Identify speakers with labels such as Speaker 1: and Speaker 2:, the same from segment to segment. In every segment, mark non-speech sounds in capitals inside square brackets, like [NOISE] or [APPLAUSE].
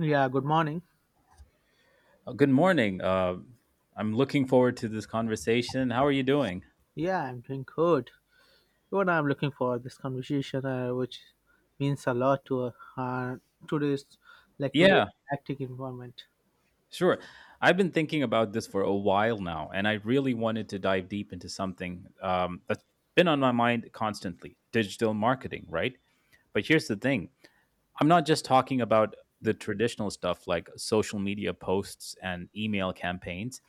Speaker 1: Yeah, good morning.
Speaker 2: Good morning. I'm looking forward to this conversation. How are you doing?
Speaker 1: Yeah, I'm doing good. What I'm looking for this conversation, which means a lot to today's today's
Speaker 2: Yeah,
Speaker 1: hectic environment.
Speaker 2: sure. I've been thinking about this for a while now, and I really wanted to dive deep into something that's been on my mind constantly digital marketing, right? But here's the thing I'm not just talking about the traditional stuff like social media posts and email campaigns.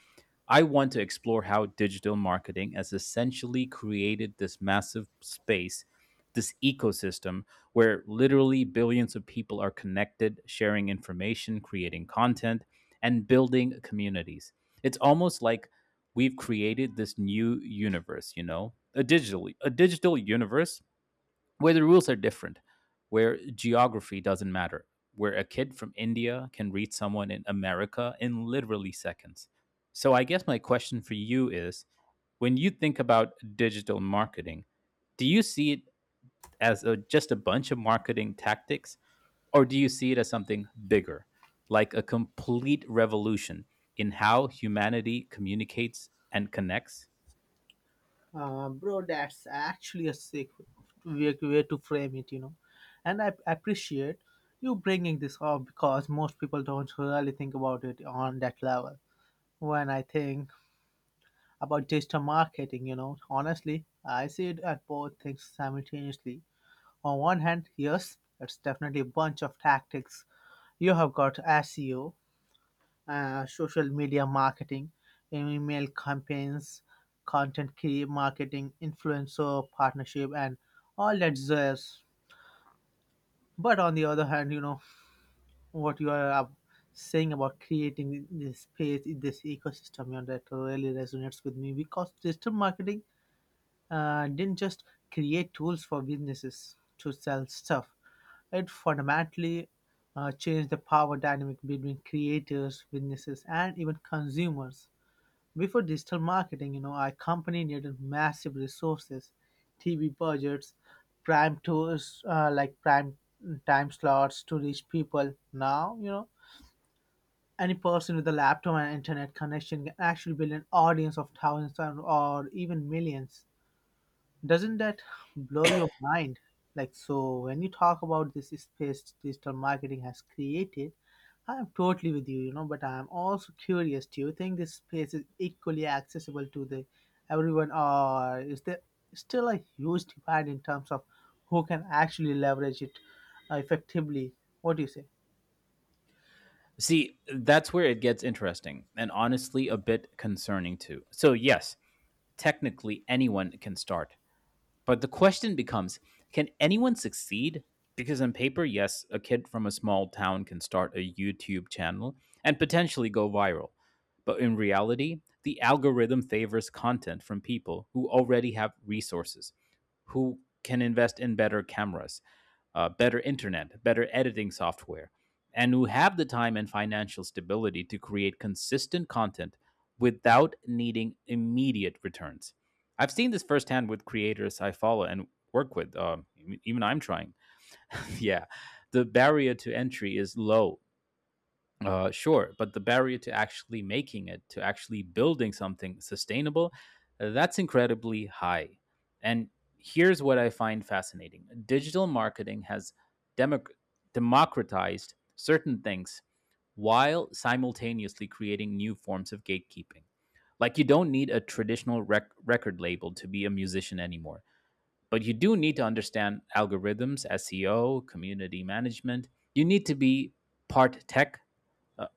Speaker 2: I want to explore how digital marketing has essentially created this massive space, this ecosystem where literally billions of people are connected, sharing information, creating content, and building communities. It's almost like we've created this new universe, you know, a digital universe where the rules are different, where geography doesn't matter, where a kid from India can reach someone in America in literally seconds. So, I guess my question for you is when you think about digital marketing, do you see it as just a bunch of marketing tactics, or do you see it as something bigger, like a complete revolution in how humanity communicates and connects?
Speaker 1: Bro, that's actually a sick way to frame it, you know. And I appreciate you bringing this up because most people don't really think about it on that level. When I think about digital marketing, you know, honestly, I see it at both things simultaneously. On one hand, yes, it's definitely a bunch of tactics. You have got SEO, social media marketing, email campaigns, content key marketing, influencer partnership, and all that jazz. But on the other hand, you know what you are saying about creating this space, this ecosystem, you know, that really resonates with me because digital marketing didn't just create tools for businesses to sell stuff. It fundamentally changed the power dynamic between creators, businesses, and even consumers. Before digital marketing, you know, our company needed massive resources, TV budgets, prime tours like prime time slots to reach people. Now, you know, any person with a laptop and internet connection can actually build an audience of thousands or even millions. Doesn't that blow your mind? Like, so when you talk about this space digital marketing has created, I'm totally with you, you know, but I'm also curious, do you think this space is equally accessible to the everyone or is there still a huge divide in terms of who can actually leverage it effectively? What do you say?
Speaker 2: See, that's where it gets interesting and honestly a bit concerning too. So, yes, technically anyone can start. But the question becomes can anyone succeed? Because on paper, yes, a kid from a small town can start a YouTube channel and potentially go viral. But in reality, the algorithm favors content from people who already have resources, who can invest in better cameras, better internet, better editing software, and who have the time and financial stability to create consistent content without needing immediate returns. I've seen this firsthand with creators I follow and work with. Even I'm trying. [LAUGHS] Yeah, the barrier to entry is low. Sure, but the barrier to actually making it, to actually building something sustainable, that's incredibly high. And here's what I find fascinating: digital marketing has democ- democratized certain things while simultaneously creating new forms of gatekeeping. Like you don't need a traditional record label to be a musician anymore. But you do need to understand algorithms, SEO, community management. You need to be part tech, uh,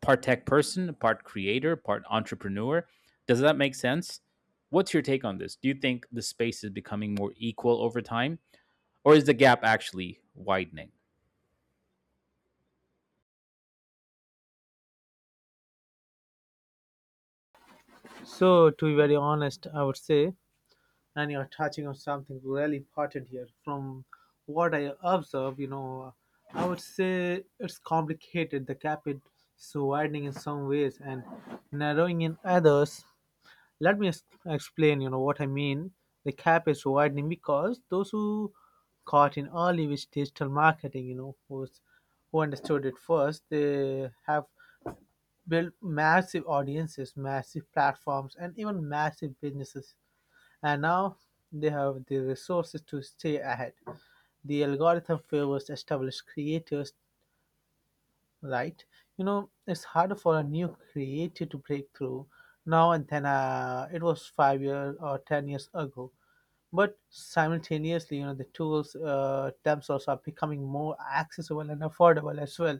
Speaker 2: part tech person, part creator, part entrepreneur. Does that make sense? What's your take on this? Do you think the space is becoming more equal over time, or is the gap actually widening?
Speaker 1: So, to be very honest, I would say, and you're touching on something really important here. From what I observe, you know, I would say it's complicated. The gap is so widening in some ways and narrowing in others. Let me explain, you know, what I mean. The gap is widening because those who caught in early with digital marketing, you know, who understood it first, they have built massive audiences, massive platforms, and even massive businesses, and now they have the resources to stay ahead. The algorithm favors established creators, right? You know, it's harder for a new creator to break through now and then it was 5 years or 10 years ago. But simultaneously, you know, the tools themselves are becoming more accessible and affordable as well.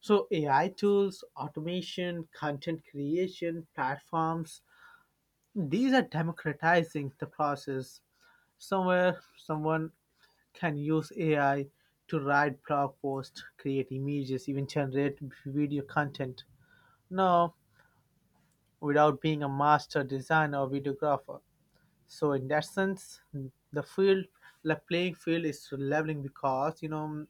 Speaker 1: So AI tools, automation, content creation, platforms, these are democratizing the process. Somewhere, someone can use AI to write blog posts, create images, even generate video content. No, without being a master designer or videographer. So in that sense, the field, the playing field is leveling because you know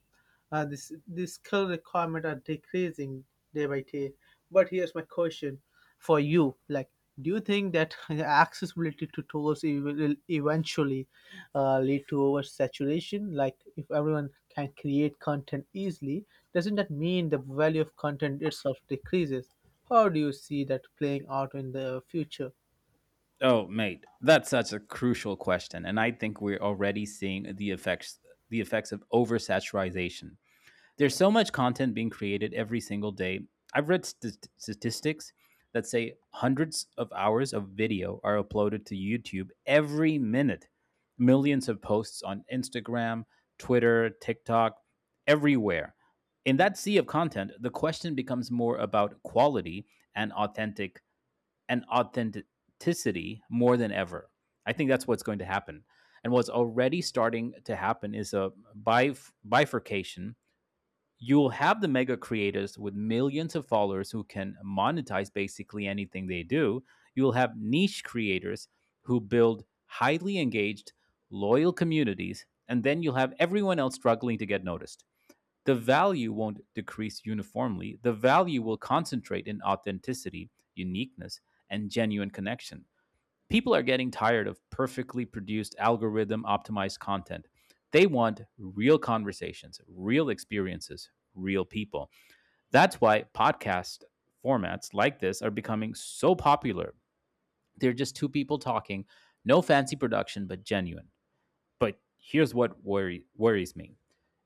Speaker 1: this skill requirement are decreasing day by day. But here's my question for you: like, do you think that [LAUGHS] accessibility to tools will eventually lead to oversaturation? Like, if everyone can create content easily, doesn't that mean the value of content itself decreases? How do you see that playing out in the future?
Speaker 2: Oh, mate, that's such a crucial question, and I think we're already seeing the effects of oversaturation. There's so much content being created every single day. I've read statistics that say hundreds of hours of video are uploaded to YouTube every minute, millions of posts on Instagram, Twitter, TikTok, everywhere. In that sea of content, the question becomes more about quality and authentic and authenticity more than ever. I think that's what's going to happen. And what's already starting to happen is a bifurcation. You'll have the mega creators with millions of followers who can monetize basically anything they do. You'll have niche creators who build highly engaged, loyal communities, and then you'll have everyone else struggling to get noticed. The value won't decrease uniformly, the value will concentrate in authenticity, uniqueness, and genuine connection. People are getting tired of perfectly produced algorithm optimized content. They want real conversations, real experiences, real people. That's why podcast formats like this are becoming so popular. They're just two people talking, no fancy production, but genuine. But here's what worries me: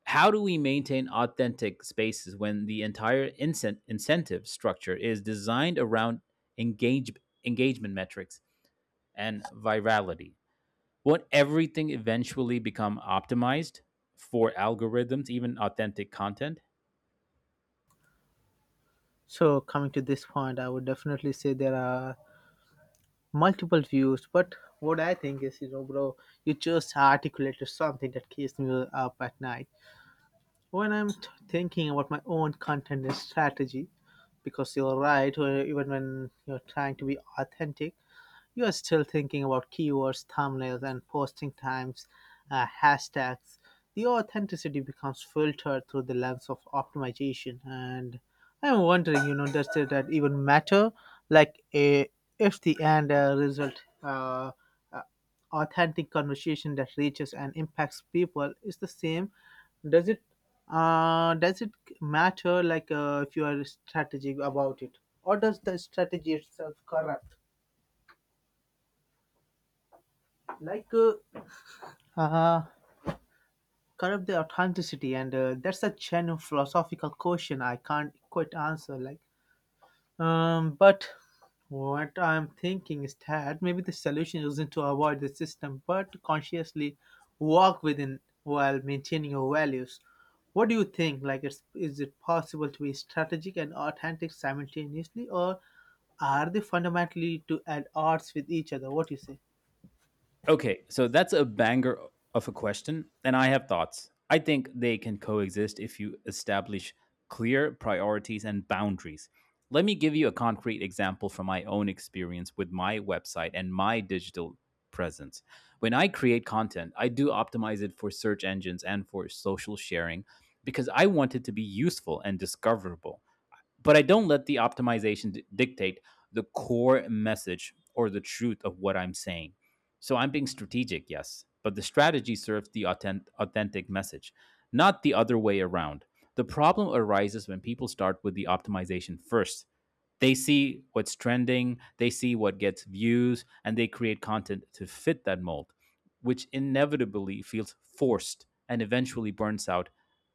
Speaker 2: how do we maintain authentic spaces when the entire incentive structure is designed around engage- engagement metrics and virality? Won't everything eventually become optimized for algorithms, even authentic content?
Speaker 1: So, coming to this point, I would definitely say there are multiple views, but what I think is, you know, bro, you just articulated something that keeps me up at night. When I'm thinking about my own content and strategy, because you're right, or even when you're trying to be authentic, you are still thinking about keywords, thumbnails, and posting times, hashtags. The authenticity becomes filtered through the lens of optimization. And I'm wondering, you know, does that even matter? Like, if the end result, uh, authentic conversation that reaches and impacts people is the same, does it uh, does it matter like Uh, if you are strategic about it, or does the strategy itself corrupt like Uh, corrupt the authenticity, and that's a genuine philosophical question I can't quite answer. Like, but what I'm thinking is that maybe the solution isn't to avoid the system, but to consciously walk within while maintaining your values. What do you think? Like, is it possible to be strategic and authentic simultaneously, or are they fundamentally to at odds with each other? What do you say?
Speaker 2: Okay, so that's a banger of a question, and I have thoughts. I think they can coexist if you establish clear priorities and boundaries. Let me give you a concrete example from my own experience with my website and my digital presence. When I create content, I do optimize it for search engines and for social sharing because I want it to be useful and discoverable, but I don't let the optimization dictate the core message or the truth of what I'm saying. So I'm being strategic, yes, but the strategy serves the authentic message, not the other way around. The problem arises when people start with the optimization first. They see what's trending, they see what gets views, and they create content to fit that mold which inevitably feels forced and eventually burns out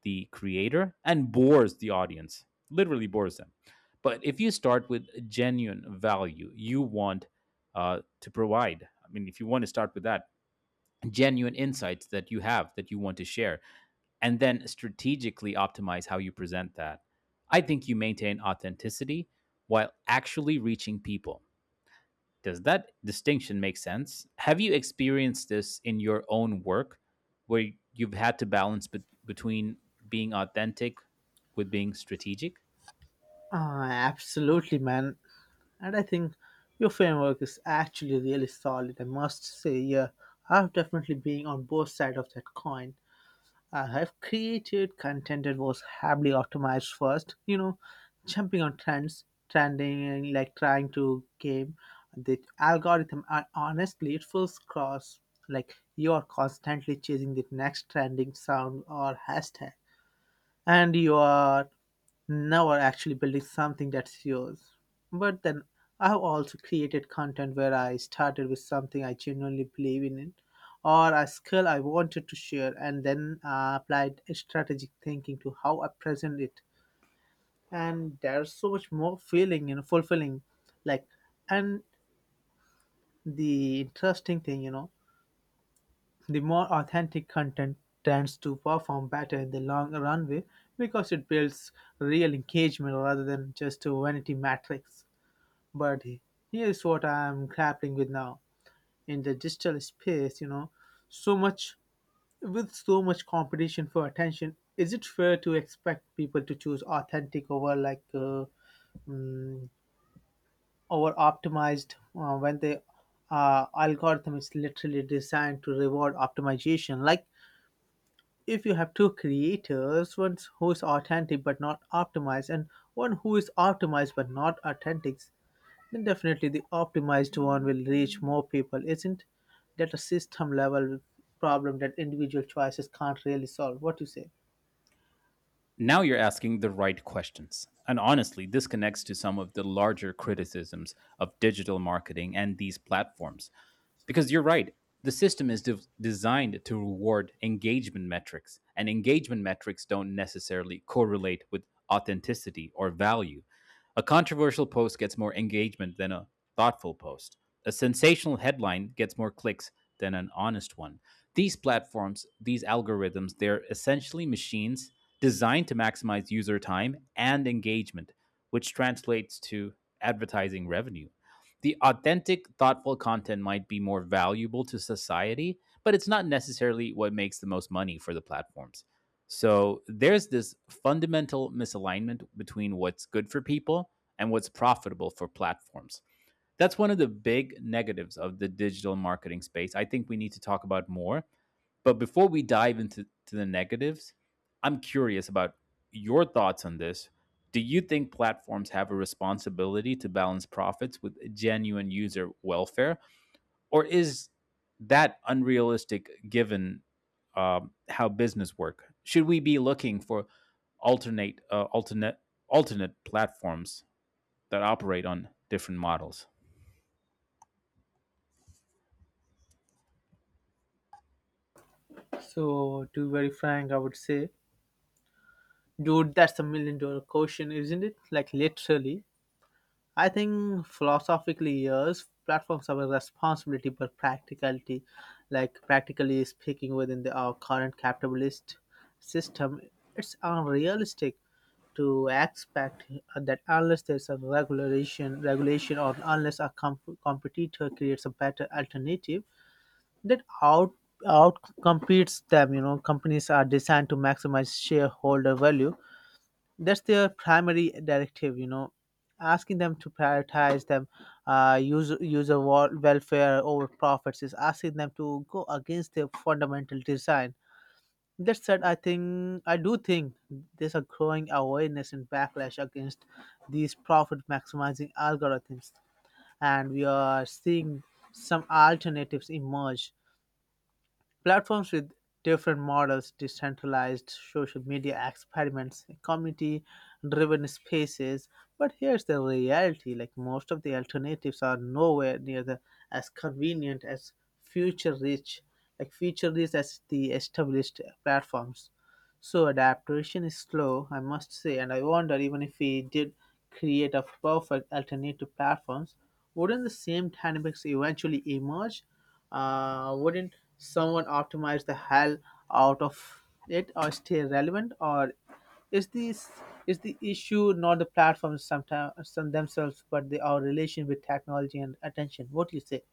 Speaker 2: the creator and bores the audience, literally bores them. But if you start with genuine value you want to provide, I mean, if you want to start with that, genuine insights that you have that you want to share, and then strategically optimize how you present that, I think you maintain authenticity while actually reaching people. Does that distinction make sense? Have you experienced this in your own work where you've had to balance between being authentic with being strategic?
Speaker 1: Absolutely, man. And I think your framework is actually really solid. I must say, yeah, I've definitely been on both sides of that coin. I have created content that was heavily optimized first, you know, jumping on trends, and like trying to game the algorithm. And honestly, it feels cross. Like you are constantly chasing the next trending sound or hashtag, and you are never actually building something that's yours. But then I've also created content where I started with something I genuinely believe in it or a skill I wanted to share, and then applied strategic thinking to how I present it. And there's so much more feeling, you know, fulfilling. Like, and the interesting thing, you know, the more authentic content tends to perform better in the long runway because it builds real engagement rather than just a vanity metrics. But here's what I'm grappling with now. In the digital space, you know, so much with so much competition for attention, is it fair to expect people to choose authentic over mm, over optimized when the algorithm is literally designed to reward optimization? Like if you have two creators, one who is authentic but not optimized, and one who is optimized but not authentic, then definitely the optimized one will reach more people. Isn't that a system level problem that individual choices can't really solve? What do you say?
Speaker 2: Now you're asking the right questions. And honestly, this connects to some of the larger criticisms of digital marketing and these platforms, because you're right, the system is designed to reward engagement metrics, and engagement metrics don't necessarily correlate with authenticity or value. A controversial post gets more engagement than a thoughtful post. A sensational headline gets more clicks than an honest one. These platforms, these algorithms, they're essentially machines designed to maximize user time and engagement, which translates to advertising revenue. The authentic, thoughtful content might be more valuable to society, but it's not necessarily what makes the most money for the platforms. So there's this fundamental misalignment between what's good for people and what's profitable for platforms. That's one of the big negatives of the digital marketing space. I think we need to talk about more, but before we dive into to the negatives, I'm curious about your thoughts on this. Do you think platforms have a responsibility to balance profits with genuine user welfare, or is that unrealistic given how business work? Should we be looking for alternate uh, alternate alternate platforms that operate on different models?
Speaker 1: So, to be very frank, I would say, dude, that's a million dollar question, isn't it? Like, literally, I think philosophically, yes, platforms have a responsibility, but practicality, like practically speaking, within our current capitalist system, it's unrealistic to expect that unless there's a regulation, or unless a competitor creates a better alternative, that out competes them. You know, companies are designed to maximize shareholder value. That's their primary directive. You know, asking them to prioritize them user welfare over profits is asking them to go against their fundamental design. That said, I do think there's a growing awareness and backlash against these profit maximizing algorithms, and we are seeing some alternatives emerge. Platforms with different models, decentralized social media experiments, community driven spaces. But here's the reality, like most of the alternatives are nowhere near the as convenient as future rich future rich as the established platforms. So adaptation is slow, I must say, and I wonder, even if we did create a perfect alternate to platforms, wouldn't the same dynamics eventually emerge? Wouldn't someone optimize the hell out of it or stay relevant? Or is this is the issue not the platforms sometimes some themselves, but our relation with technology and attention? What do you say?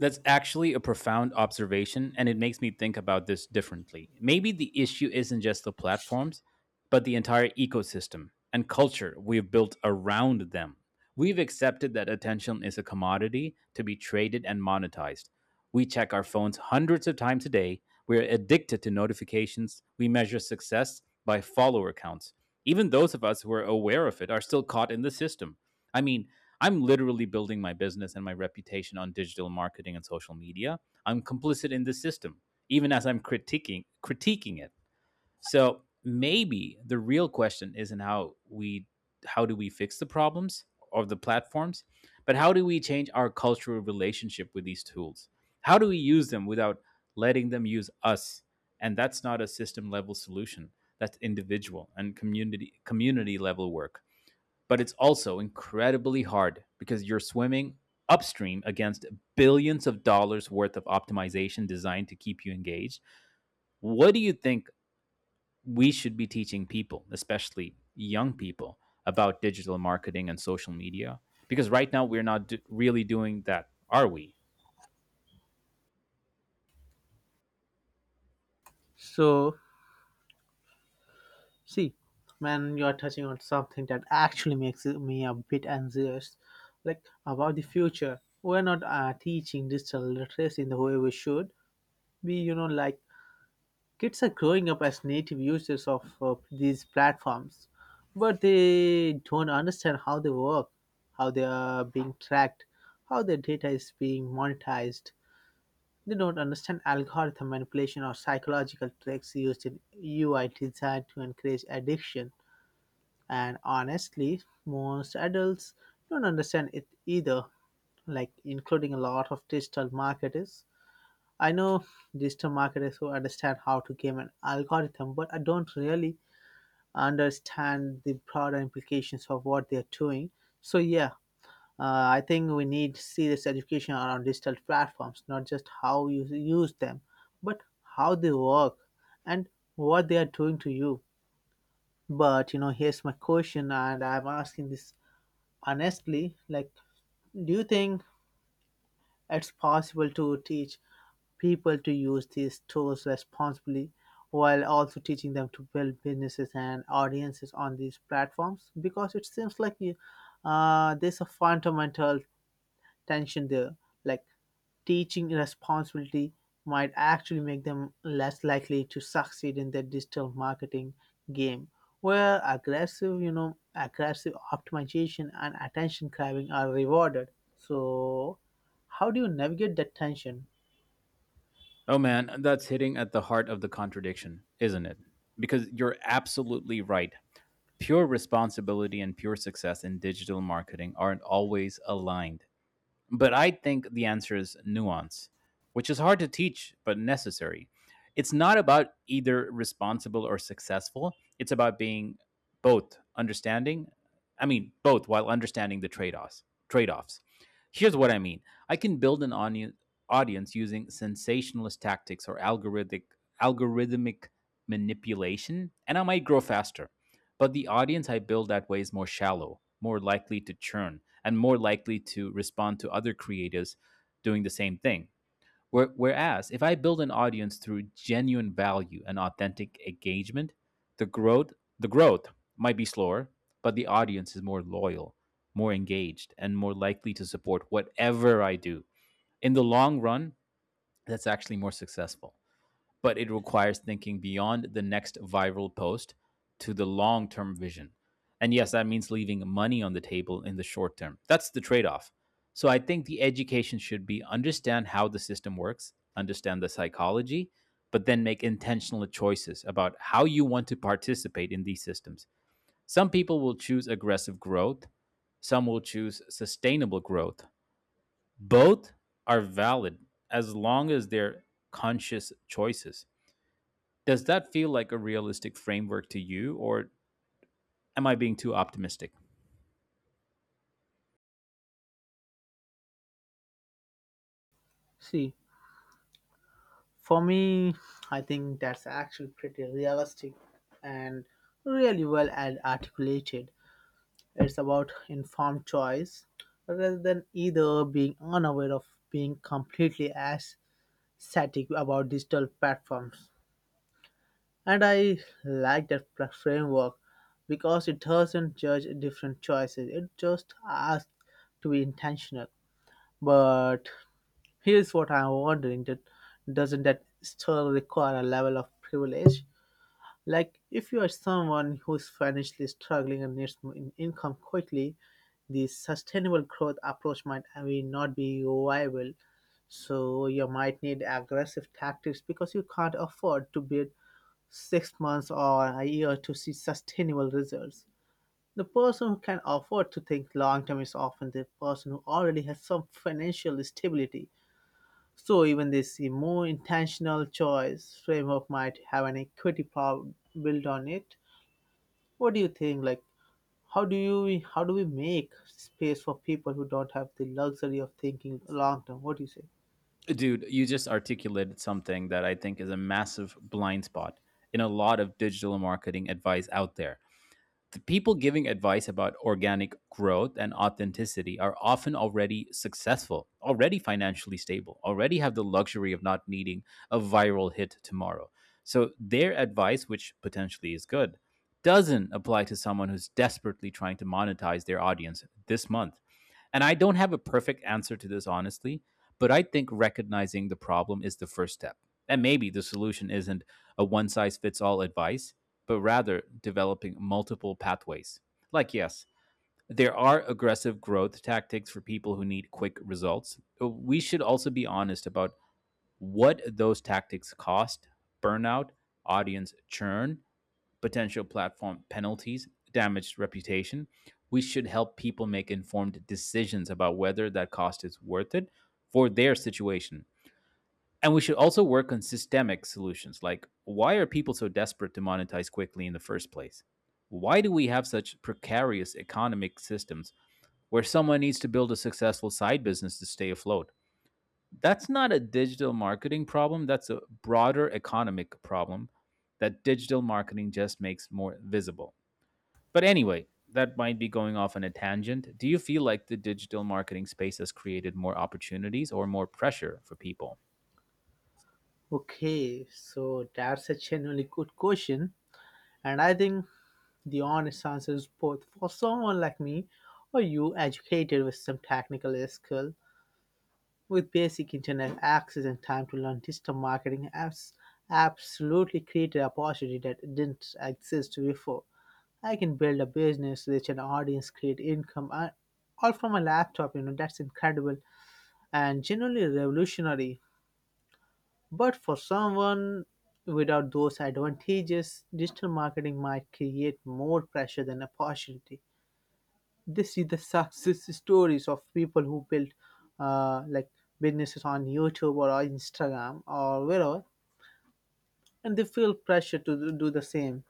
Speaker 2: That's actually a profound observation, and it makes me think about this differently. Maybe the issue isn't just the platforms, but the entire ecosystem and culture we've built around them. We've accepted that attention is a commodity to be traded and monetized. We check our phones hundreds of times a day. We're addicted to notifications. We measure success by follower counts. Even those of us who are aware of it are still caught in the system. I mean, I'm literally building my business and my reputation on digital marketing and social media. I'm complicit in the system, even as I'm critiquing it. So maybe the real question isn't how do we fix the problems of the platforms, but how do we change our cultural relationship with these tools? How do we use them without letting them use us? And that's not a system level solution. That's individual and community level work, but it's also incredibly hard because you're swimming upstream against billions of dollars worth of optimization designed to keep you engaged. What do you think we should be teaching people, especially young people, about digital marketing and social media? Because right now we're not really doing that, are we?
Speaker 1: So See, when you are touching on something that actually makes me a bit anxious, like about the future. We're not teaching digital literacy in the way we should. You know, like kids are growing up as native users of these platforms, but they don't understand how they work, how they are being tracked, how their data is being monetized. They don't understand algorithm manipulation or psychological tricks used in UI design to encourage addiction. And honestly, most adults don't understand it either, like including a lot of digital marketers. I know digital marketers who understand how to game an algorithm, but I don't really understand the broader implications of what they're doing. So, yeah, I think we need serious education around digital platforms, not just how you use them, but how they work and what they are doing to you. But you know, here's my question, and I'm asking this honestly, like do you think it's possible to teach people to use these tools responsibly while also teaching them to build businesses and audiences on these platforms? Because it seems like there's a fundamental tension there. Like teaching responsibility might actually make them less likely to succeed in their digital marketing game, where aggressive aggressive optimization and attention grabbing are rewarded. So how do you navigate that tension?
Speaker 2: Oh man, that's hitting at the heart of the contradiction, isn't it? Because you're absolutely right. Pure responsibility and pure success in digital marketing aren't always aligned. But I think the answer is nuance, which is hard to teach but necessary. It's not about either responsible or successful, it's about being both understanding, I mean, both while understanding the trade offs. Trade-offs. Here's what I mean. I can build an audience using sensationalist tactics or algorithmic manipulation, and I might grow faster. But the audience I build that way is more shallow, more likely to churn, and more likely to respond to other creatives doing the same thing. Whereas, if I build an audience through genuine value and authentic engagement, the growth the growth might be slower, but the audience is more loyal, more engaged, and more likely to support whatever I do. In the long run, that's actually more successful, but it requires thinking beyond the next viral post to the long term vision. And yes, that means leaving money on the table in the short term. That's the trade off. So I think the education should be understand how the system works, understand the psychology, but then make intentional choices about how you want to participate in these systems. Some people will choose aggressive growth, some will choose sustainable growth. Both are valid as long as they're conscious choices. Does that feel like a realistic framework to you, or am I being too optimistic?
Speaker 1: See, for me, I think that's actually pretty realistic and really well articulated. It's about informed choice rather than either being unaware of being completely static about digital platforms. And I like that framework because it doesn't judge different choices, it just asks to be intentional. But here's what I'm wondering, that doesn't that still require a level of privilege? Like, if you are someone who is financially struggling and needs more income quickly, the sustainable growth approach might, I mean, not be viable. So, you might need aggressive tactics because you can't afford to wait 6 months or a year to see sustainable results. The person who can afford to think long term is often the person who already has some financial stability. So even this more intentional choice framework might have an equity problem built on it. What do you think? Like, how do we make space for people who don't have the luxury of thinking long term? What do you say?
Speaker 2: Dude, you just articulated something that I think is a massive blind spot in a lot of digital marketing advice out there. The people giving advice about organic growth and authenticity are often already successful, already financially stable, already have the luxury of not needing a viral hit tomorrow. So their advice, which potentially is good, doesn't apply to someone who's desperately trying to monetize their audience this month, and I don't have a perfect answer to this, honestly, but I think recognizing the problem is the first step. And maybe the solution isn't a one size fits all advice, but rather developing multiple pathways. Like, yes, there are aggressive growth tactics for people who need quick results. We should also be honest about what those tactics cost: burnout, audience churn, potential platform penalties, damaged reputation. We should help people make informed decisions about whether that cost is worth it for their situation. And we should also work on systemic solutions. Like, why are people so desperate to monetize quickly in the first place? Why do we have such precarious economic systems where someone needs to build a successful side business to stay afloat? That's not a digital marketing problem, that's a broader economic problem that digital marketing just makes more visible. But anyway, that might be going off on a tangent. Do you feel like the digital marketing space has created more opportunities or more pressure for people?
Speaker 1: Okay, so that's a genuinely good question, and I think the honest answer is both. For someone like me, or you, educated with some technical skill, with basic internet access and time to learn digital marketing apps, absolutely created a opportunity that didn't exist before. I can build a business, reach an audience, create income, I, all from a laptop. You know, that's incredible and genuinely revolutionary. But for someone without those advantages, digital marketing might create more pressure than opportunity. This is the success stories of people who built like businesses on YouTube or on Instagram or wherever, and they feel pressure to do the same.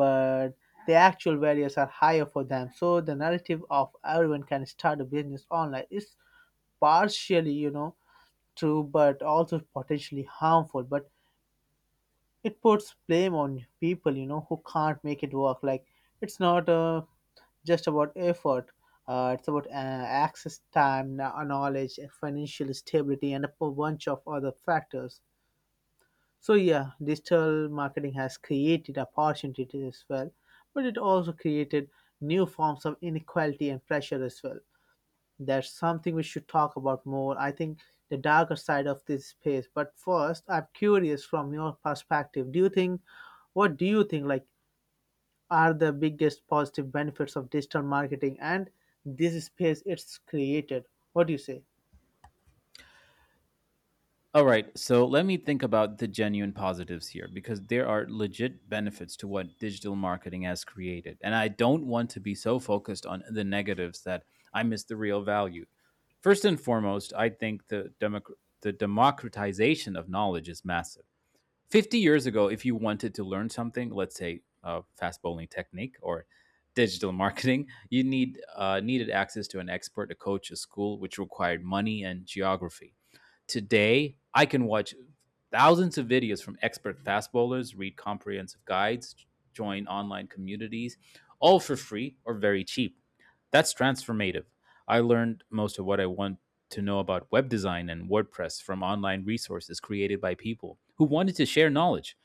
Speaker 1: But the actual barriers are higher for them. So the narrative of everyone can start a business online is partially, you know, true, but also potentially harmful. But it puts blame on people, you know, who can't make it work. Like it's not just about effort. It's about access, time, knowledge, and financial stability, and a bunch of other factors. So yeah, digital marketing has created opportunities as well, but it also created new forms of inequality and pressure as well. That's something we should talk about more. I think the darker side of this space. But first, I'm curious from your perspective. Do you think what do you think, like, are the biggest positive benefits of digital marketing and this space it's created? What do you say?
Speaker 2: All right, so let me think about the genuine positives here, because there are legit benefits to what digital marketing has created. And I don't want to be so focused on the negatives that I miss the real value. First and foremost, I think the democratization of knowledge is massive. 50 years ago, if you wanted to learn something, let's say fast bowling technique or digital [LAUGHS] marketing, you needed access to an expert, a coach, a school, which required money and geography. Today, I can watch thousands of videos from expert fast bowlers, read comprehensive guides, join online communities, all for free or very cheap. That's transformative. I learned most of what I want to know about web design and WordPress from online resources created by people who wanted to share knowledge,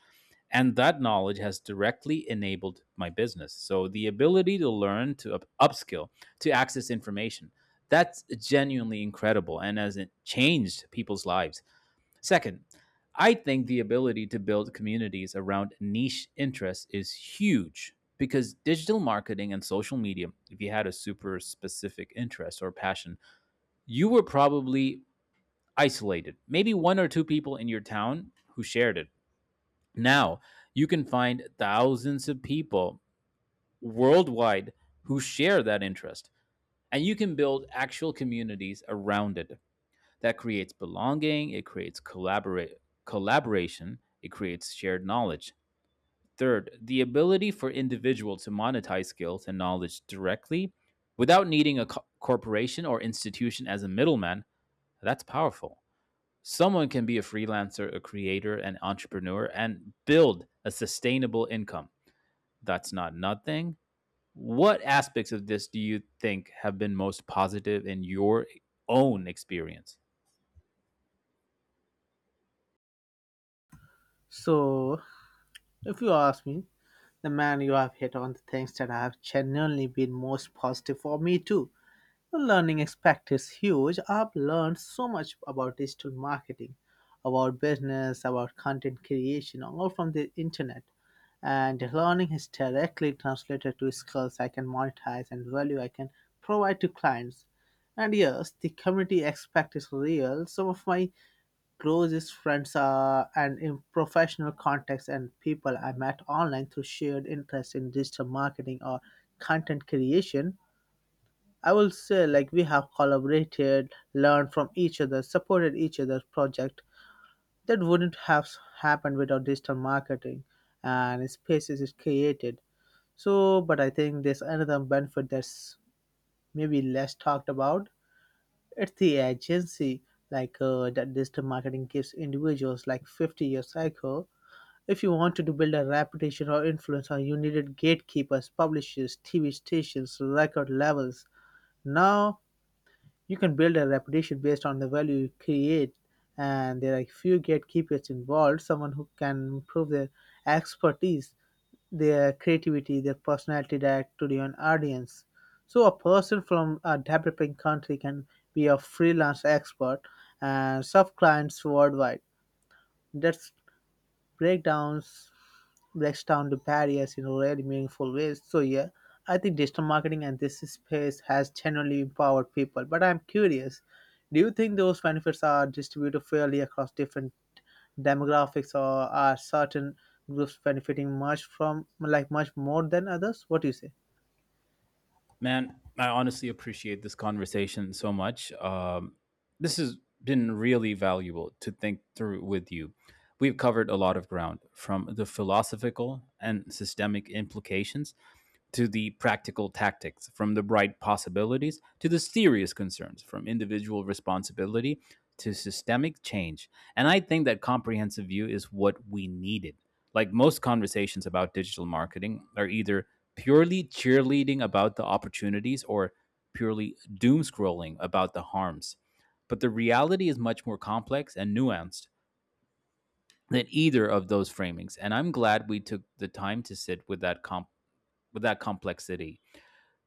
Speaker 2: and that knowledge has directly enabled my business. So the ability to learn, to upskill, to access information, that's genuinely incredible and has it changed people's lives. Second, I think the ability to build communities around niche interests is huge, because digital marketing and social media, if you had a super specific interest or passion, you were probably isolated, maybe one or two people in your town who shared it. Now, you can find thousands of people worldwide who share that interest, and you can build actual communities around it. That creates belonging, it creates collaboration, it creates shared knowledge. Third, the ability for individuals to monetize skills and knowledge directly without needing a corporation or institution as a middleman, that's powerful. Someone can be a freelancer, a creator, an entrepreneur, and build a sustainable income. That's not nothing. What aspects of this do you think have been most positive in your own experience?
Speaker 1: So, if you ask me, the man, you have hit on the things that have genuinely been most positive for me too. The learning aspect is huge. I've learned so much about digital marketing, about business, about content creation, all from the internet. And learning is directly translated to skills I can monetize and value I can provide to clients. And yes, the community aspect is real. Some of my closest friends and in professional contexts and people I met online through shared interest in digital marketing or content creation. I will say like we have collaborated, learned from each other, supported each other's project that wouldn't have happened without digital marketing and spaces is created. So, but I think there's another benefit that's maybe less talked about. It's the agency like that digital marketing gives individuals like 50-year cycle. If you wanted to build a reputation or influence, you needed gatekeepers, publishers, TV stations, record labels. Now you can build a reputation based on the value you create, and there are few gatekeepers involved. Someone who can prove their expertise, their creativity, their personality direct to the audience. So a person from a developing country can be a freelance expert and serve clients worldwide. That's breakdowns breaks down the barriers in really meaningful ways. So yeah, I think digital marketing and this space has genuinely empowered people. But I'm curious, do you think those benefits are distributed fairly across different demographics, or are certain groups benefiting much from like much more than others? What do you say?
Speaker 2: Man, I honestly appreciate this conversation so much. This has been really valuable to think through with you. We've covered a lot of ground, from the philosophical and systemic implications to the practical tactics, from the bright possibilities to the serious concerns, from individual responsibility to systemic change. And I think that comprehensive view is what we needed. Like, most conversations about digital marketing are either purely cheerleading about the opportunities or purely doom scrolling about the harms. But the reality is much more complex and nuanced than either of those framings. And I'm glad we took the time to sit with that with that complexity.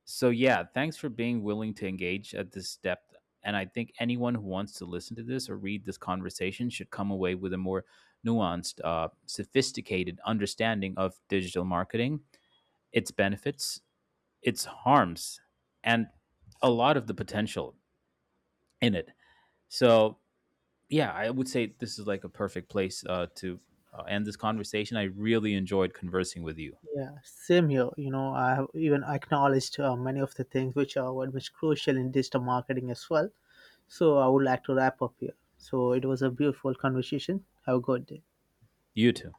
Speaker 2: So yeah, thanks for being willing to engage at this depth. And I think anyone who wants to listen to this or read this conversation should come away with a more nuanced, sophisticated understanding of digital marketing, its benefits, its harms, and a lot of the potential in it. So yeah, I would say this is like a perfect place to end this conversation. I really enjoyed conversing with you.
Speaker 1: Yeah, same here. You know, I have even acknowledged many of the things which are very much crucial in digital marketing as well. So I would like to wrap up here. So it was a beautiful conversation. Have a good day.
Speaker 2: You too.